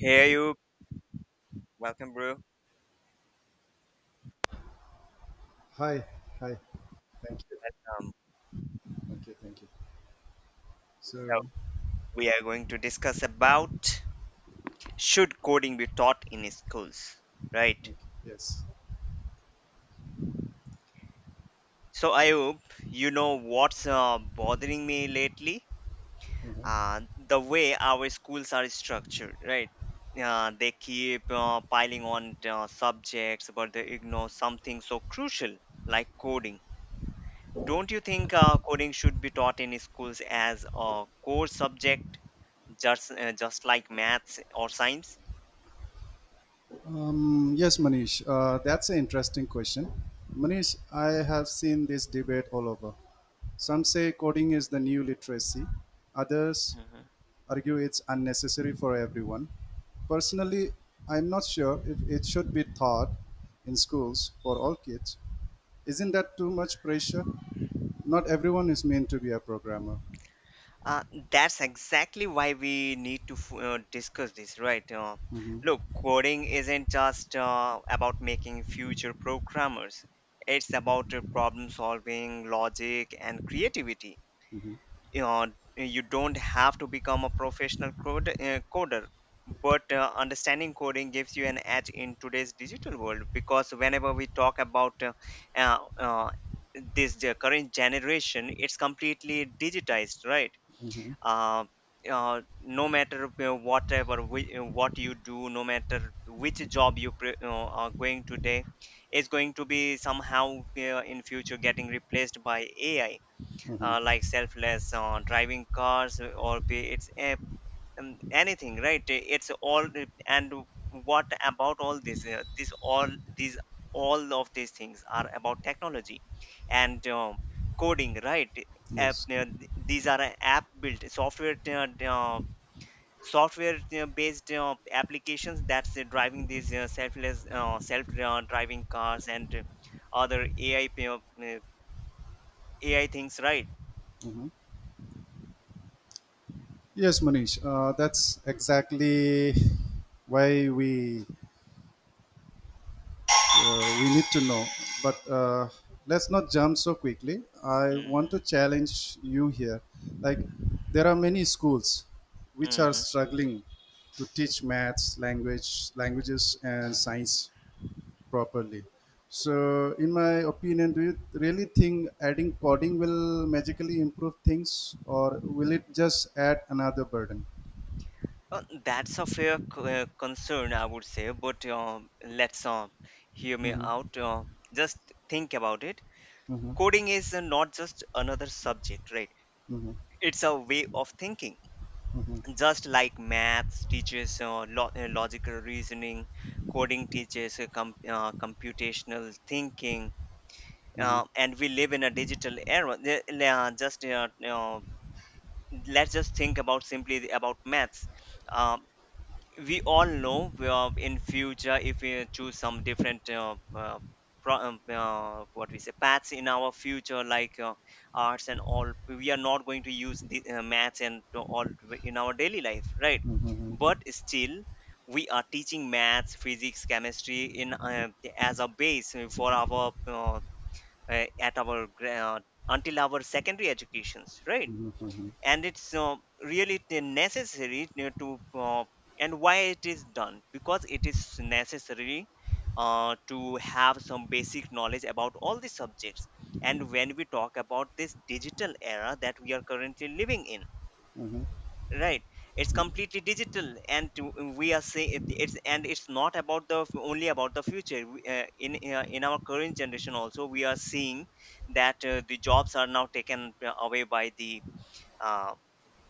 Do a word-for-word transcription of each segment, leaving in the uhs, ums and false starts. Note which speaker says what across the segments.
Speaker 1: Hey you, welcome bro.
Speaker 2: Hi, hi. Thank you.
Speaker 1: Um,
Speaker 2: Thank you. Thank you.
Speaker 1: so
Speaker 2: So,
Speaker 1: we are going to discuss about should coding be taught in schools, right?
Speaker 2: okay, yes.
Speaker 1: So Ayub, you know what's uh, bothering me lately?
Speaker 2: Mhm.
Speaker 1: Uh, the way our schools are structured, right? Uh, they keep uh, piling on uh, subjects, but they ignore something so crucial like coding. Don't you think uh, coding should be taught in schools as a core subject, just uh, just like maths or science?
Speaker 2: Um, yes, Manish, uh, that's an interesting question. Manish, I have seen this debate all over. Some say coding is the new literacy, others
Speaker 1: Mhm.
Speaker 2: argue it's unnecessary for everyone. Personally, I'm not sure if it should be taught in schools for all kids. Isn't that too much pressure? Not everyone is meant to be a programmer.
Speaker 1: Uh, that's exactly why we need to f- uh, discuss this, right? Uh,
Speaker 2: Hmm.
Speaker 1: look, coding isn't just uh, about making future programmers. It's about uh, problem solving, logic, and creativity.
Speaker 2: Hmm.
Speaker 1: You, know, you don't have to become a professional code, uh, coder, but uh, understanding coding gives you an edge in today's digital world, because whenever we talk about uh, uh, uh, this uh, current generation, it's completely digitized, right?
Speaker 2: Hmm.
Speaker 1: uh, uh, no matter uh, whatever we, uh, what you do, no matter which job you pre- uh, are going today is going to be somehow uh, in future getting replaced by ai,
Speaker 2: Hmm.
Speaker 1: uh, like selfless uh, driving cars or be it's uh, um, anything, right? It's all, and what about all this uh, this all these all of these things are about technology and um, coding, right? app,
Speaker 2: Yes.
Speaker 1: uh, these are app built software uh, uh, software uh, based uh, applications, that's uh, driving these uh, selfless uh, self uh, driving cars and uh, other ai uh, ai things, right?
Speaker 2: Mhm. Yes, Manish. Uh, that's exactly why we uh, we need to know. But uh, let's not jump so quickly. I want
Speaker 1: Mm-hmm.
Speaker 2: to challenge you here. Like there are many schools which are
Speaker 1: Mm-hmm.
Speaker 2: struggling to teach maths, language, languages, and science properly. So, in my opinion, do you really think adding coding will magically improve things, or will it just add another burden?
Speaker 1: Uh, that's a fair c- uh, concern, I would say, but uh, let's uh, hear me
Speaker 2: Mhm.
Speaker 1: out. Uh, just think about it.
Speaker 2: Mhm.
Speaker 1: Coding is uh, not just another subject, right?
Speaker 2: Mhm.
Speaker 1: It's a way of thinking.
Speaker 2: Mhm. Mhm.
Speaker 1: Just like maths teaches uh, lo- uh, logical reasoning, coding teaches uh, com- uh, computational thinking,
Speaker 2: Mhm.
Speaker 1: uh, and we live in a digital era. The- Uh, just uh, uh, Let's just think about simply about maths. Uh, we all know uh, in future if we choose some different uh, uh, pro- um, uh, what we say paths in our future, like uh, arts and all, we are not going to use the uh, maths and to all in our daily life, right?
Speaker 2: Mhm.
Speaker 1: But still we are teaching maths, physics, chemistry in uh, as a base for our uh, uh, at our gra- uh, until our secondary educations, right?
Speaker 2: Mhm.
Speaker 1: And it's uh, really t- necessary to to, uh, and why it is done, because it is necessary uh, to have some basic knowledge about all the subjects. And when we talk about this digital era that we are currently living in,
Speaker 2: Mhm.
Speaker 1: right, it's completely digital, and to, we are saying it's, and it's not about the only about the future. We, uh, in uh, In our current generation also we are seeing that uh, the jobs are now taken uh, away by the uh,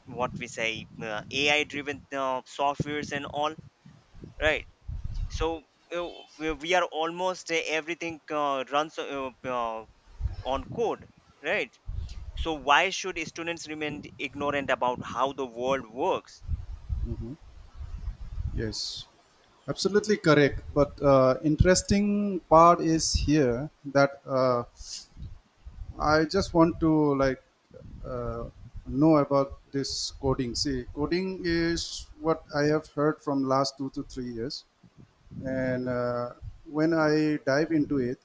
Speaker 1: what we say uh, ai driven uh, softwares and all, right? So uh, we we are almost, uh, everything uh, runs uh, uh, on code, right? So why should students remain ignorant about how the world works?
Speaker 2: Yes, absolutely correct. But uh, interesting part is here that uh, I just want to like uh, know about this coding. See, coding is what I have heard from last two to three years. And uh, when I dive into it,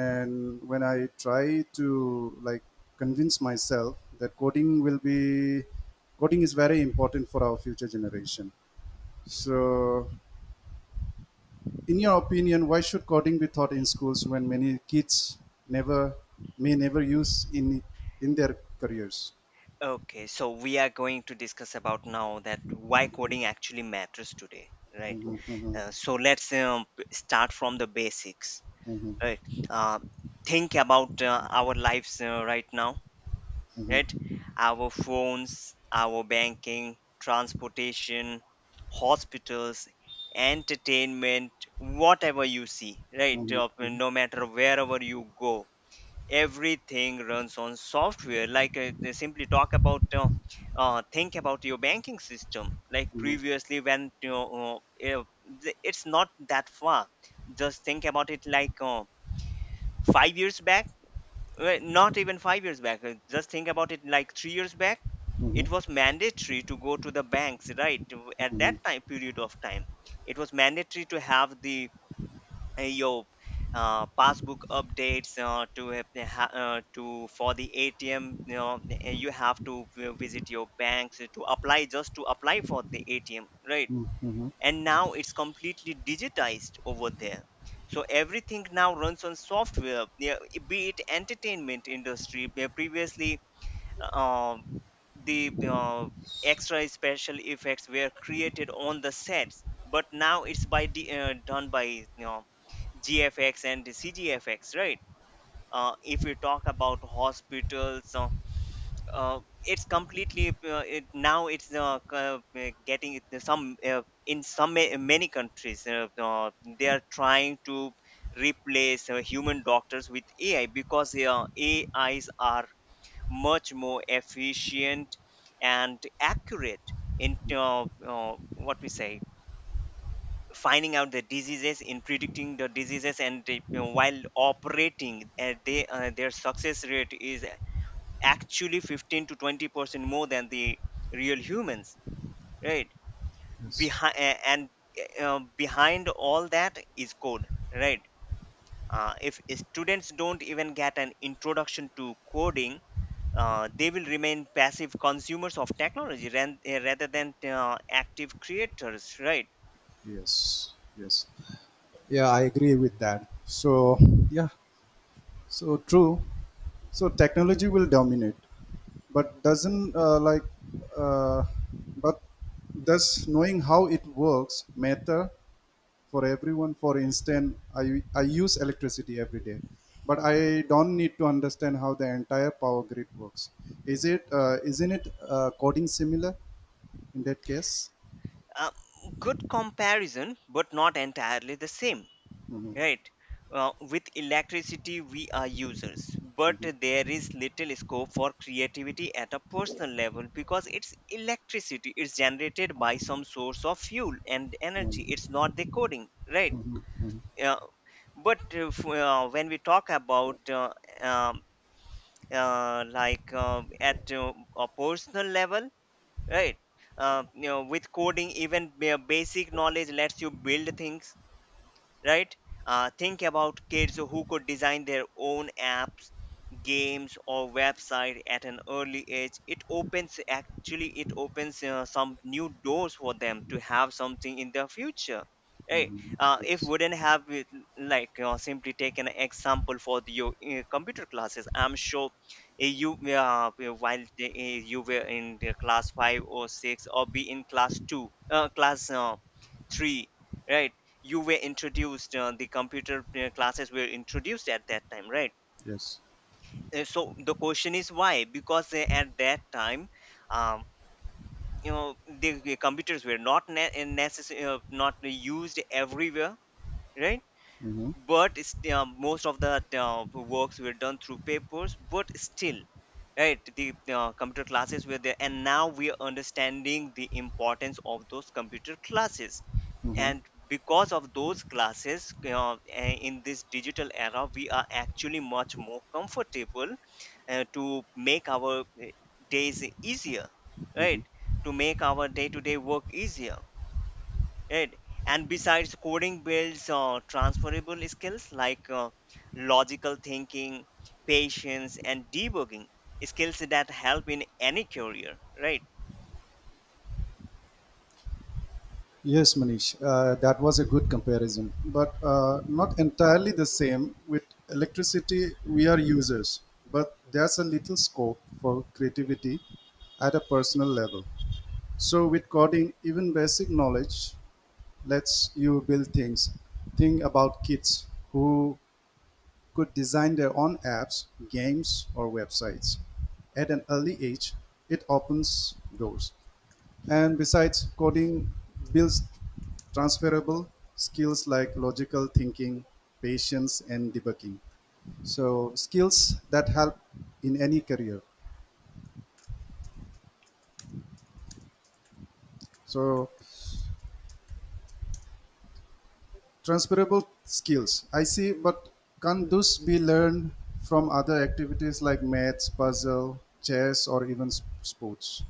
Speaker 2: and when I try to like convince myself that coding will be, coding is very important for our future generation. So, in your opinion, why should coding be taught in schools when many kids never, may never use in in their careers?
Speaker 1: Okay, so we are going to discuss about now that why coding actually matters today, right?
Speaker 2: Mhm. Mhm.
Speaker 1: Uh, so let's um, p- start from the basics,
Speaker 2: Mhm.
Speaker 1: right? uh, think about uh, our lives uh, right now,
Speaker 2: Mhm.
Speaker 1: right? Our phones, our banking, transportation, hospitals, entertainment, whatever you see, right?
Speaker 2: Mhm.
Speaker 1: Uh,
Speaker 2: Mhm.
Speaker 1: No matter wherever you go, everything runs on software. Like uh, they simply talk about, uh, uh, think about your banking system. Like
Speaker 2: Mhm.
Speaker 1: previously, when you know, uh, uh, it's not that far. Just think about it, like uh, five years back, well, not even five years back, uh, just think about it like three years back,
Speaker 2: Mhm.
Speaker 1: it was mandatory to go to the banks, right? To- at that
Speaker 2: Mhm.
Speaker 1: time, period of time, it was mandatory to have the uh, your uh, passbook updates, uh, to have the ha- uh, to for the atm, you know, uh, you have to vi- visit your banks to apply, just to apply for the atm, right?
Speaker 2: Mhm. Mhm.
Speaker 1: And now it's completely digitized over there, so everything now runs on software, yeah, be it entertainment industry, where previously um, the uh, extra special effects were created on the sets, but now it's by the, uh, done by, you know, gfx and the cgfx, right? Uh, if we talk about hospitals, uh, uh, it's completely uh, it, now it's uh, c- uh, getting it- to some, uh, in some ma- many countries, uh, uh, they are trying to replace uh, human doctors with ai, because uh, ais are much more efficient and accurate in uh, uh, what we say, finding out the diseases, in predicting the diseases, and uh, you know, while operating uh, they uh, their success rate is actually fifteen to twenty percent more than the real humans, right?
Speaker 2: Yes,
Speaker 1: Behind and uh, um, behind all that is code, right? Uh, if students don't even get an introduction to coding, uh, they will remain passive consumers of technology, ran, uh, rather than uh, active creators, right?
Speaker 2: yes, yes. Yeah, I agree with that. So, yeah, so true. So technology will dominate, but doesn't uh, like, uh, but does knowing how it works matter for everyone? For instance, I I use electricity every day, but I don't need to understand how the entire power grid works. Is it uh, Isn't it uh, coding similar in that case?
Speaker 1: uh, Good comparison, but not entirely the same,
Speaker 2: Mm-hmm.
Speaker 1: right? Uh, with electricity we are users, but there is little scope for creativity at a personal level, because it's electricity, it's generated by some source of fuel and
Speaker 2: Mm-hmm.
Speaker 1: energy, it's not the coding, right? uh, but if, uh, When we talk about uh, um, uh, like uh, at uh, a personal level, right, uh, you know, with coding even ba- basic knowledge lets you build things, right? Uh, think about kids who could design their own apps, games, or website at an early age. It opens, actually it opens uh, some new doors for them to have something in the future. Hey,
Speaker 2: Mm-hmm.
Speaker 1: uh, if
Speaker 2: Yes.
Speaker 1: wouldn't have it, like uh, simply take an example for the, your uh, computer classes. I'm sure uh, you uh, while the, uh, you were in the class five or six, or be in class two, uh, class uh, three, right? You were introduced, uh, the computer uh, classes were introduced at that time, right?
Speaker 2: Yes.
Speaker 1: Uh, so the question is why, because uh, at that time um, you know, the, the computers were not ne- uh, necess- uh, not used everywhere, right?
Speaker 2: Mm-hmm.
Speaker 1: But it's, uh, most of the uh, works were done through papers, but still, right, the uh, computer classes were there, and now we are understanding the importance of those computer classes.
Speaker 2: Mm-hmm.
Speaker 1: And because of those classes, uh, in this digital era we are actually much more comfortable uh, to make our uh, days easier, right, to make our day to day work easier, right? And besides, coding builds uh, transferable skills like uh, logical thinking, patience, and debugging, skills that help in any career, right?
Speaker 2: Yes, Manish, uh, that was a good comparison, but uh, not entirely the same. With electricity, we are users, but there's a little scope for creativity at a personal level. So, with coding, even basic knowledge lets you build things. Think about kids who could design their own apps, games, or websites. At an early age, it opens doors. And besides, coding builds transferable skills like logical thinking, patience, and debugging. So, skills that help in any career. So, transferable skills. I see, but can those be learned from other activities like maths, puzzle, chess, or even s- sports?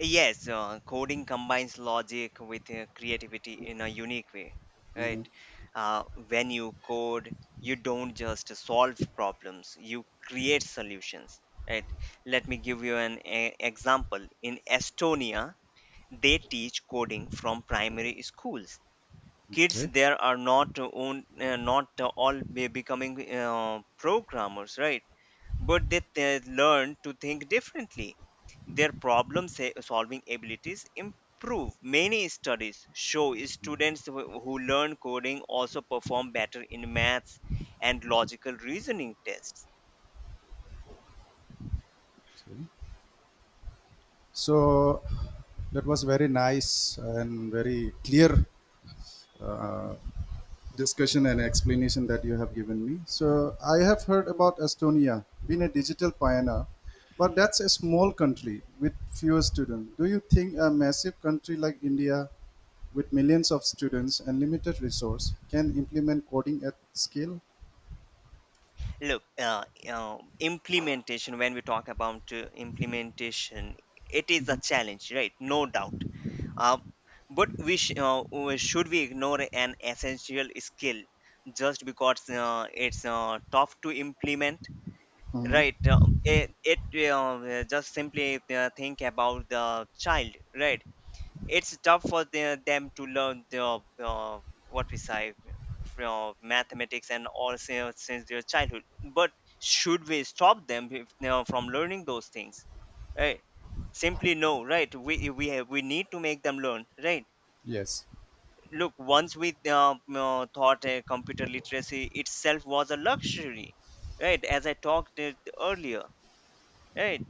Speaker 1: Yes, uh, coding combines logic with uh, creativity in a unique way, right?
Speaker 2: Mhm.
Speaker 1: Uh, when you code, you don't just solve problems, you create solutions, right? Let me give you an e- example. In Estonia, they teach coding from primary schools. Kids
Speaker 2: Okay.
Speaker 1: there are not own, uh, not all be becoming uh, programmers, right? But they, they learn to think differently. Their problem sa- solving abilities improve. Many studies show students who who learn coding also perform better in maths and logical reasoning tests.
Speaker 2: Sorry. So, that was very nice and very clear uh, discussion and explanation that you have given me. So I have heard about Estonia being a digital pioneer, but that's a small country with fewer students. Do you think a massive country like India with millions of students and limited resource can implement coding at scale?
Speaker 1: Look, uh, um, implementation, when we talk about uh, implementation, it is a challenge, right? No doubt. Uh, but we sh- uh, we- Should we ignore an essential skill just because uh, it's uh, tough to implement,
Speaker 2: Mhm.
Speaker 1: right? Uh, it it uh, Just simply uh, think about the child, right? It's tough for the, them to learn the uh, what we say uh, mathematics and all since, since their childhood, but should we stop them if, you know, from learning those things, right? Simply no, right? We we have, we need to make them learn, right?
Speaker 2: Yes.
Speaker 1: Look, once we uh, uh, thought uh, computer literacy itself was a luxury, right, as I talked it earlier, right?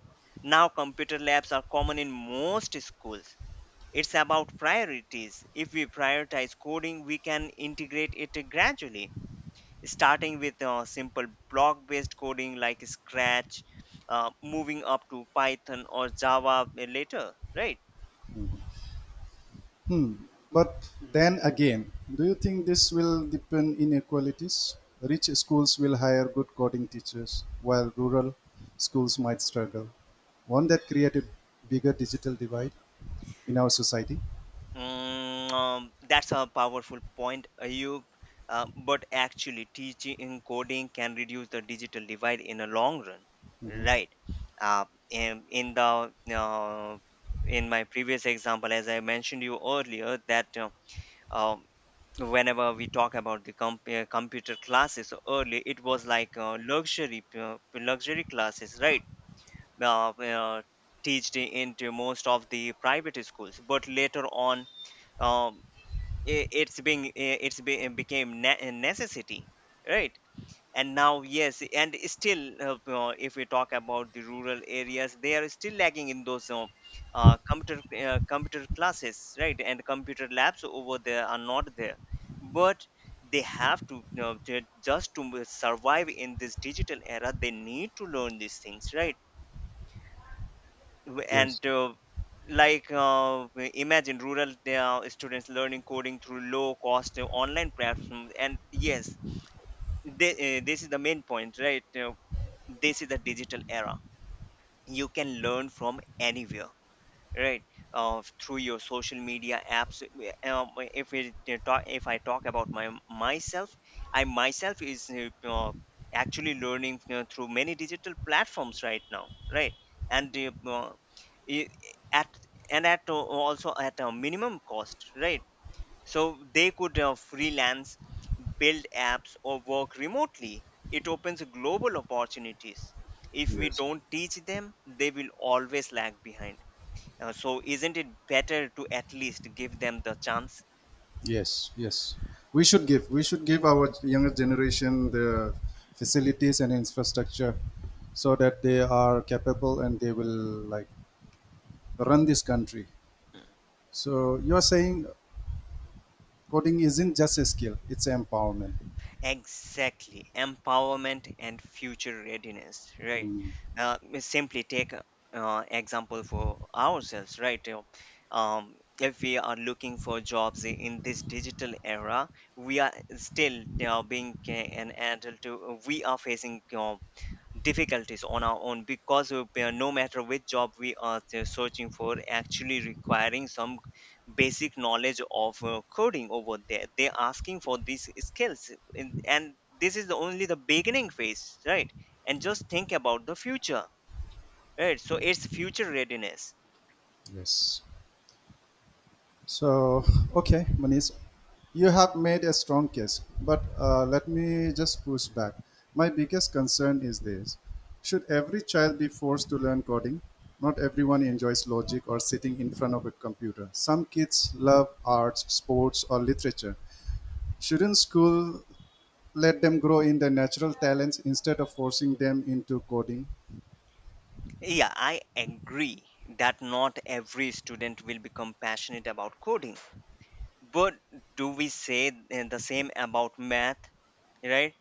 Speaker 1: Now computer labs are common in most schools. It's about priorities. If we prioritize coding, we can integrate it gradually, starting with uh, simple block based coding like Scratch, uh, moving up to Python or Java later, right?
Speaker 2: Hmm. But then again, do you think this will deepen inequalities? Rich schools will hire good coding teachers, while rural schools might struggle. Won't that create a bigger digital divide in our society?
Speaker 1: Mm, um, that's a powerful point, Ayub. Uh, but actually, teaching coding can reduce the digital divide in the long run,
Speaker 2: Mhm.
Speaker 1: right? Uh, in, in the uh, in my previous example, as I mentioned you earlier, that uh, um, whenever we talk about the com- uh, computer classes so early it was like uh, luxury uh, luxury classes, right? uh, uh, Teached into most of the private schools, but later on um, i- it's being i- it's be, became ne- a necessity, right? And now, yes, and still, uh, uh, if we talk about the rural areas, they are still lagging in those uh, uh, computer, uh, computer classes, right? And computer labs over there are not there, but they have to, you know, ju- just to survive in this digital era, they need to learn these things, right? W- and
Speaker 2: Yes,
Speaker 1: uh, like uh, w- imagine rural uh, students learning coding through low cost uh, online platforms. And yes, they, uh, this is the main point, right? Uh, this is the digital era. You can learn from anywhere, right? Uh, through your social media apps. Um, if we talk if I talk about my myself I myself is, uh, uh, actually learning uh, through many digital platforms right now, right? And uh, uh, i- at and at, uh, also at a minimum cost, right? So they could uh, freelance, build apps, or work remotely. It opens global opportunities. If we
Speaker 2: yes,
Speaker 1: don't teach them, they will always lag behind. Uh, so isn't it better to at least give them the chance?
Speaker 2: yes, yes. We should give. We should give our younger generation the facilities and infrastructure so that they are capable and they will like run this country. So you are saying, coding isn't just a skill, it's empowerment.
Speaker 1: Exactly, empowerment and future readiness, right?
Speaker 2: Mm,
Speaker 1: Uh, we simply take a, uh, example for ourselves, right? You know, Um, if we are looking for jobs i- in this digital era, we are still, you know, being ca- an adult. uh, We are facing uh, difficulties on our own, because uh, we, no matter which job we are uh, searching for, actually requiring some basic knowledge of uh, coding. Over there they're asking for these skills, and, and this is the only the beginning phase, right? And just think about the future, right? So it's future readiness.
Speaker 2: yes. So, okay, Manish, you have made a strong case, but uh, let me just push back. My biggest concern is this: should every child be forced to learn coding? Not everyone enjoys logic or sitting in front of a computer. Some kids love arts, sports, or literature. Shouldn't school let them grow in their natural talents instead of forcing them into coding?
Speaker 1: Yeah, I agree that not every student will become passionate about coding. But do we say uh, the same about math, right?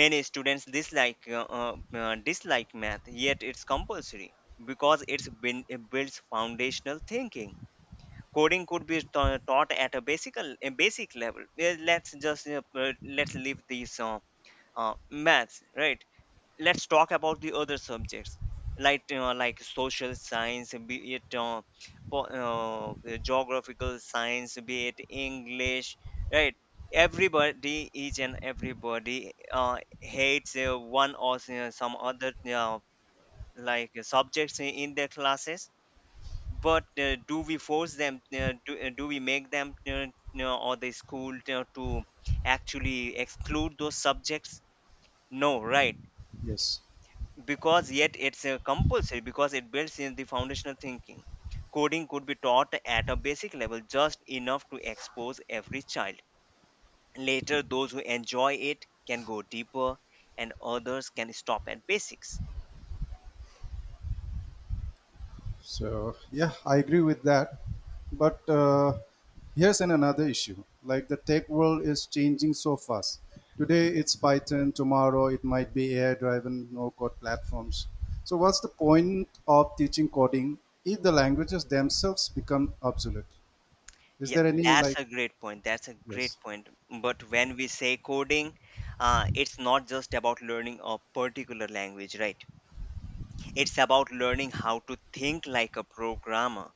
Speaker 1: Many students dislike, uh, uh, uh, dislike math, yet it's compulsory, because it's been, it builds foundational thinking. Coding could be ta- taught at a basic, a basic level. Yeah, let's just, uh, uh, let's leave these, uh, uh, maths, right? Let's talk about the other subjects, like you, like social science, be it uh, po- uh, the geographical science, be it English, right? Everybody, each and everybody, uh, hates uh, one or s- uh, some other, uh, like uh, subjects i- in their classes. But uh, do we force them, uh, do, uh, do we make them, uh, you, or the school, you, to actually exclude those subjects? No, right?
Speaker 2: Yes.
Speaker 1: Because yet it's a compulsory, because it builds in the foundational thinking. Coding could be taught at a basic level, just enough to expose every child. Later, those who enjoy it can go deeper, and others can stop at basics.
Speaker 2: So, yeah, I agree with that. But uh, here's an another issue. Like the tech world is changing so fast. Today it's Python. Tomorrow it might be A I-driven no-code platforms. So what's the point of teaching coding if the languages themselves become obsolete? Is
Speaker 1: Yeah,
Speaker 2: there any
Speaker 1: that's
Speaker 2: like
Speaker 1: a great point, that's a
Speaker 2: yes,
Speaker 1: great point. But when we say coding, uh, it's not just about learning a particular language, right? It's about learning how to think like a programmer,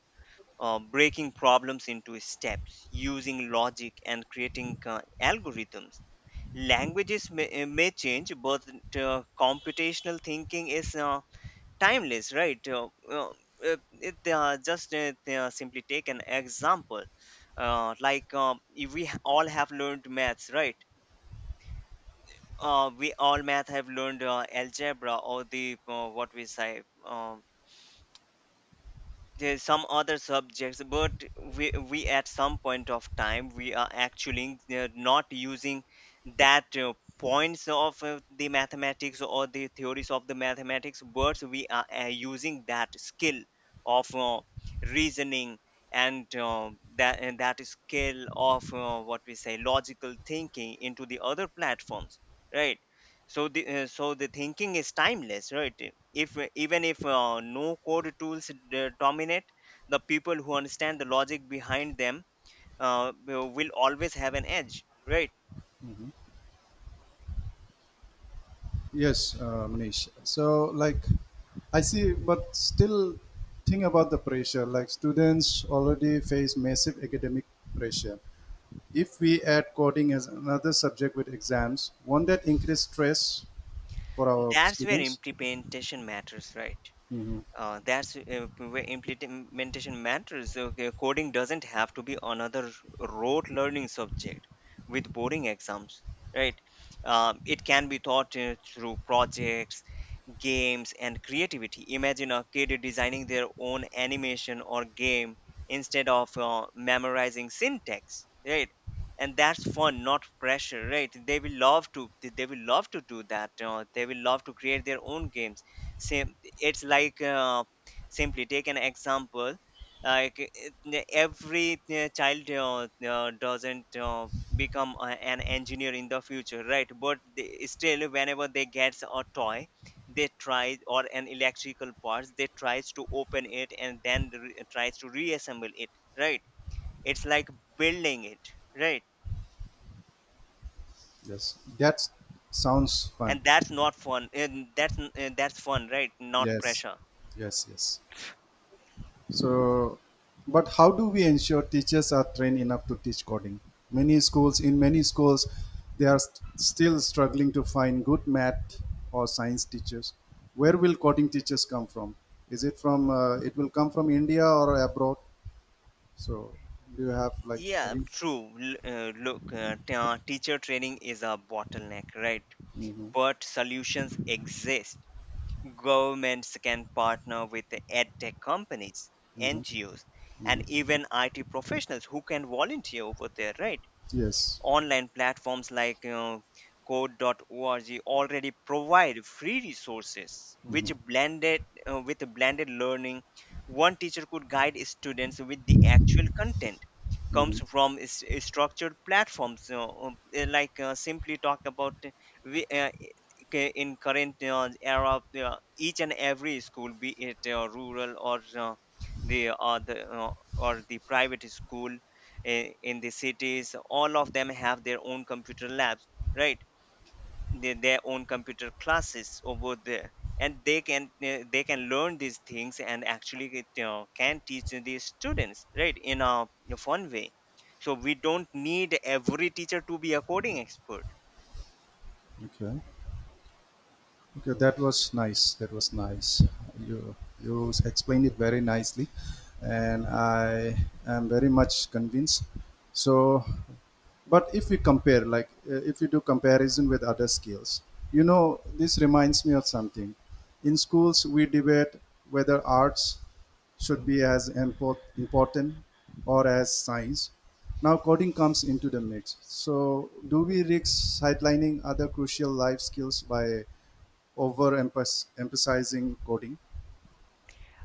Speaker 1: uh, breaking problems into steps, using logic, and creating uh, algorithms. Languages may, uh, may change, but uh, computational thinking is, uh, timeless, right? Uh, uh, uh, it, uh, just uh, they, uh, simply take an example. Uh, like, um, if we all have learned maths, right? Uh, we all math have learned uh, algebra, or the, uh, what we say, um there's some other subjects. But we, we at some point of time we are actually uh, not using that, uh, points of uh, the mathematics, or the theories of the mathematics, but we are uh, using that skill of uh, reasoning, and uh, that and that skill of, uh, what we say, logical thinking into the other platforms, right? So the, uh, so the thinking is timeless, right? If even if uh, no code tools d- dominate, the people who understand the logic behind them uh, will will always have an edge, right?
Speaker 2: yes, uh, Manish? So like I see, but still think about the pressure. Like students already face massive academic pressure. If we add coding as another subject with exams, won't that increase stress for our
Speaker 1: That's where
Speaker 2: students?
Speaker 1: implementation matters, right?
Speaker 2: Hmm.
Speaker 1: Uh, that's uh, where implementation matters. Okay, coding doesn't have to be another rote learning subject with boring exams, right? Um, it can be taught uh, through projects, games and creativity. Imagine a kid designing their own animation or game instead of uh, memorizing syntax, right? And that's fun, not pressure, right? They will love to. They they will love to do that. Uh, they will love to create their own games. Same. It's like, uh, simply take an example. Like it- n- every uh, child, uh, uh, doesn't uh, become a, an engineer in the future, right? But they, still, whenever they gets a toy, they try, or an electrical parts they tries to open it and then re- tries to reassemble it, right? It's like building it, right?
Speaker 2: Yes, that sounds fun.
Speaker 1: And that's not fun, and that's, and that's fun, right? Not
Speaker 2: Yes,
Speaker 1: pressure.
Speaker 2: yes, yes. So, but how do we ensure teachers are trained enough to teach coding? Many schools, in many schools, they are st- still struggling to find good math or science teachers. Where will coding teachers come from? Is it from? Uh, it will come from India or abroad? So, do you have like
Speaker 1: Yeah,
Speaker 2: any?
Speaker 1: true. L- uh, look uh, t- uh, teacher training is a bottleneck, right?
Speaker 2: Mm-hmm,
Speaker 1: But solutions exist. Governments can partner with the edtech companies,
Speaker 2: mm-hmm.
Speaker 1: NGOs, and even IT professionals who can volunteer over there, right?
Speaker 2: Yes.
Speaker 1: Online platforms like uh, code dot org already provide free resources, which
Speaker 2: Mm-hmm,
Speaker 1: blended, uh, with blended learning, one teacher could guide students, with the actual content comes
Speaker 2: mm-hmm.
Speaker 1: from is- is structured platforms, you know. um, uh, like uh, simply talk about, uh, we, uh, ca- in current uh, era, uh, each and every school, be it uh, rural, or uh, the uh, the uh, or the private school in, in the cities, all of them have their own computer labs, right? their, their own computer classes over there. And they can, uh, they can learn these things and actually get, you know, can teach these students, right, in a fun way. So we don't need every teacher to be a coding expert.
Speaker 2: Okay. Okay, that was nice. That was nice. You you explained it very nicely, and I am very much convinced. So, but if we compare, like uh, if you do comparison with other skills, you know, this reminds me of something. In schools, we debate whether arts should be as import, important or as science. Now, coding comes into the mix. So, do we risk sidelining other crucial life skills by over emphasizing coding.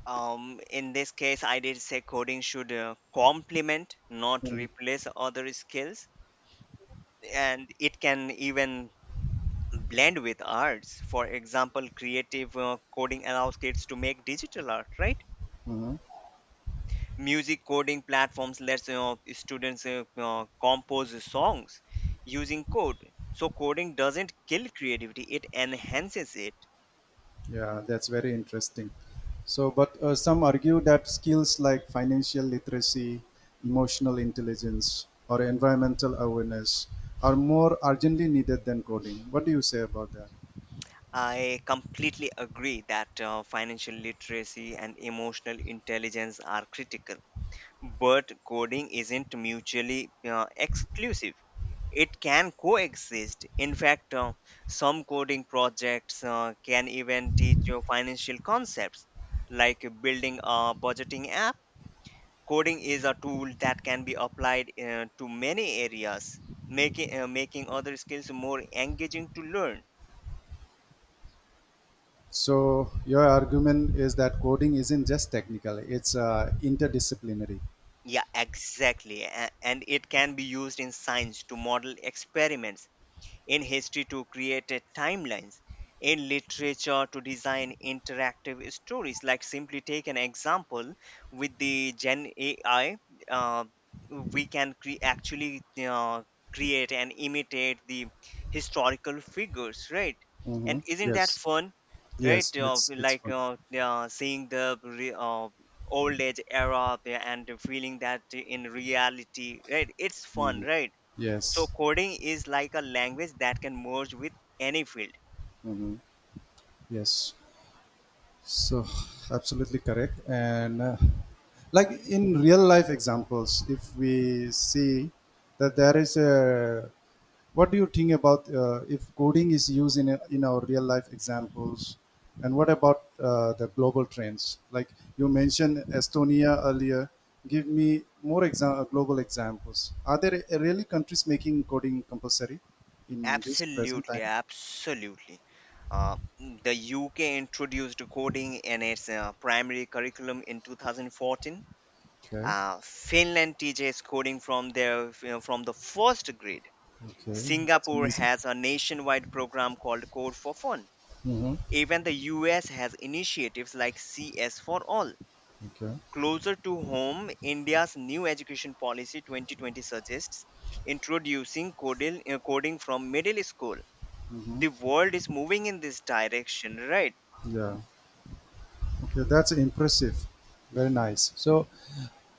Speaker 1: um, In this case I did say coding should uh, complement, not
Speaker 2: Mm,
Speaker 1: replace, other skills. And it can even blend with arts. For example, creative uh, coding allows kids to make digital art, right?
Speaker 2: mhm.
Speaker 1: Music coding platforms lets you, students uh, uh, compose songs using code. So coding doesn't kill creativity, it enhances it.
Speaker 2: Yeah, that's very interesting. So, but uh, some argue that skills like financial literacy, emotional intelligence, or environmental awareness are more urgently needed than coding. What do you say about that?
Speaker 1: I completely agree that uh, financial literacy and emotional intelligence are critical, but coding isn't mutually uh, exclusive. It can coexist. In fact, uh, some coding projects uh, can even teach you financial concepts, like building a budgeting app. Coding is a tool that can be applied uh, to many areas, making, uh, making other skills more engaging to learn.
Speaker 2: So, your argument is that coding isn't just technical; it's uh, interdisciplinary.
Speaker 1: Yeah, exactly. A- and it can be used in science to model experiments, in history to create a timelines, in literature to design interactive stories. Like, simply take an example with the Gen A I. uh, we can cre- actually uh, create and imitate the historical figures, right?
Speaker 2: Mm-hmm.
Speaker 1: And isn't that
Speaker 2: Yes,
Speaker 1: fun? Right,
Speaker 2: yes,
Speaker 1: uh,
Speaker 2: it's it's
Speaker 1: like
Speaker 2: fun.
Speaker 1: uh, uh, seeing the re- uh, old age era there and feeling that in reality, right? It's fun,
Speaker 2: Mhm.
Speaker 1: right? So
Speaker 2: Yes,
Speaker 1: coding is like a language that can merge with any field.
Speaker 2: hmm, yes. So, absolutely correct. And uh, like in real life examples, if we see that there is a, what do you think about uh, if coding is used in a, in our real life examples, and what about uh, the global trends? Like you mentioned Estonia earlier. Give me more exa- uh, global examples. Are there uh, really countries making coding compulsory in this present
Speaker 1: Absolutely,
Speaker 2: time?
Speaker 1: absolutely. Uh, the U K introduced coding in its uh, primary curriculum in two thousand fourteen.
Speaker 2: Okay,
Speaker 1: Uh, Finland teaches coding from their, you know, from the first grade.
Speaker 2: okay, that's
Speaker 1: Singapore
Speaker 2: amazing.
Speaker 1: has a nationwide program called Code for Fun.
Speaker 2: Hmm.
Speaker 1: Even the U S has initiatives like C S for All.
Speaker 2: Okay.
Speaker 1: Closer to home, India's new education policy twenty twenty suggests introducing coding, uh, coding from middle school.
Speaker 2: Hmm.
Speaker 1: The world is moving in this direction, right?
Speaker 2: Yeah. Okay, that's impressive. Very nice. So,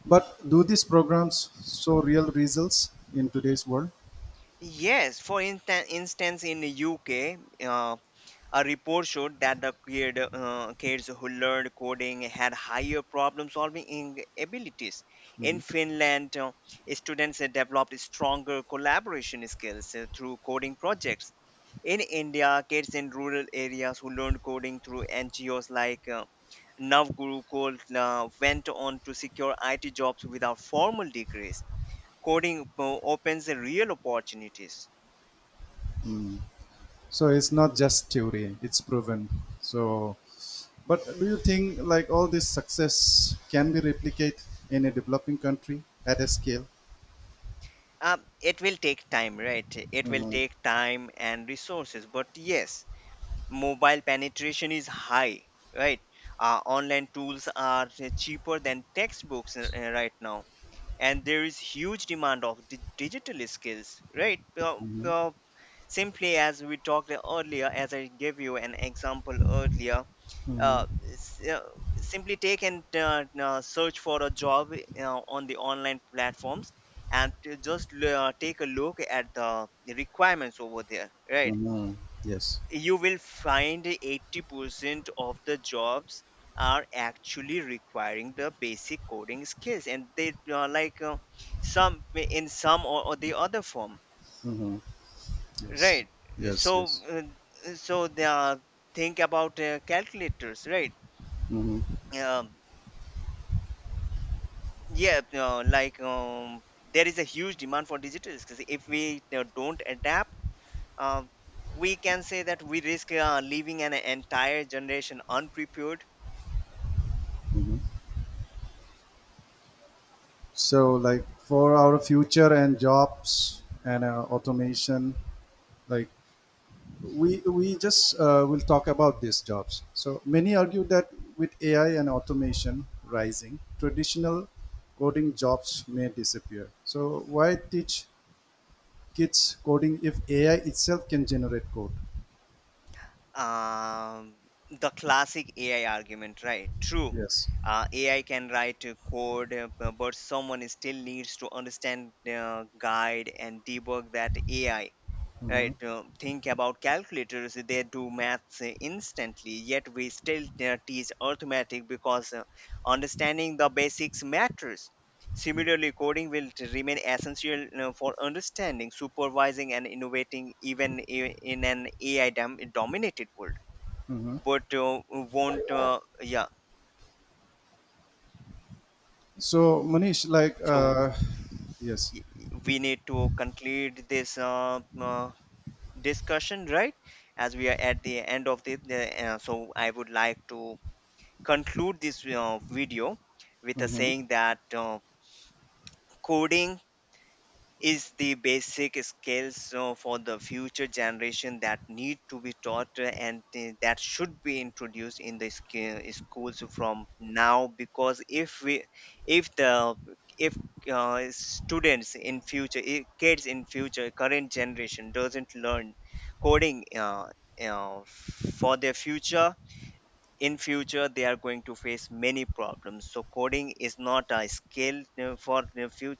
Speaker 2: but do these programs show real results in today's world?
Speaker 1: Yes, for in- instance, in the U K, uh, a report showed that the kid, uh, kids who learned coding had higher problem-solving in- abilities. In Finland, uh, students had developed stronger collaboration skills uh, through coding projects. In India, kids in rural areas who learned coding through N G Os like uh, Navguru Gold uh, went on to secure I T jobs without formal degrees. Coding uh, opens real opportunities.
Speaker 2: So it's not just theory; it's proven. So, but do you think like all this success can be replicated in a developing country at a scale?
Speaker 1: Um, it will take time, right? It will
Speaker 2: Mm-hmm.
Speaker 1: take time and resources. But yes, mobile penetration is high, right? Uh, online tools are cheaper than textbooks, uh, uh, right now. And there is huge demand of di- digital skills, right? Uh,
Speaker 2: Mm-hmm.
Speaker 1: uh, simply as we talked earlier, as I gave you an example earlier,
Speaker 2: Mm-hmm.
Speaker 1: uh, s- uh, simply take and, uh, uh, search for a job uh, on the online platforms, and to just l- uh, take a look at the requirements over there, right?
Speaker 2: Mm-hmm. Yes.
Speaker 1: You will find eighty percent of the jobs are actually requiring the basic coding skills, and they are like uh, some, in some or, or the other form,
Speaker 2: Mm-hmm. Yes.
Speaker 1: right? So,
Speaker 2: Yes. Yes.
Speaker 1: uh, so they are, think about uh, calculators, right?
Speaker 2: Mm-hmm.
Speaker 1: Um, Yeah, uh, like um, there is a huge demand for digital skills. If we uh, don't adapt, uh, we can say that we risk uh, leaving an entire generation unprepared.
Speaker 2: Mm-hmm. So, like for our future and jobs and uh, automation, like we we just uh, will talk about these jobs. So many argue that with A I and automation rising, traditional coding jobs may disappear. So why teach kids coding if A I itself can generate code?
Speaker 1: Um, the classic A I argument, right? True.
Speaker 2: Yes.
Speaker 1: Uh, A I can write uh, code, uh, bu- but someone still needs to understand, uh, guide, and debug that A I, right? Uh, think about calculators, they do maths uh, instantly, yet we still uh, teach arithmetic because uh, understanding the basics matters. Similarly, coding will t- remain essential uh, for understanding, supervising and innovating, even i- in an AI dom- dominated world. But uh, won't, uh, yeah.
Speaker 2: So, Manish, like,
Speaker 1: So
Speaker 2: uh, yes.
Speaker 1: y- y- we need to conclude this, uh, uh, discussion, right? As we are at the end of the the, uh, so I would like to conclude this uh, video with a
Speaker 2: Mhm.
Speaker 1: saying that, uh, coding is the basic skills uh, for the future generation that need to be taught, uh, and uh, that should be introduced in the sch- schools from now. Because if we, if the, if, uh, students in future I- kids in future current generation doesn't learn coding, uh, uh, for their future, in future they are going to face many problems. So coding is not a skill, uh, for the future.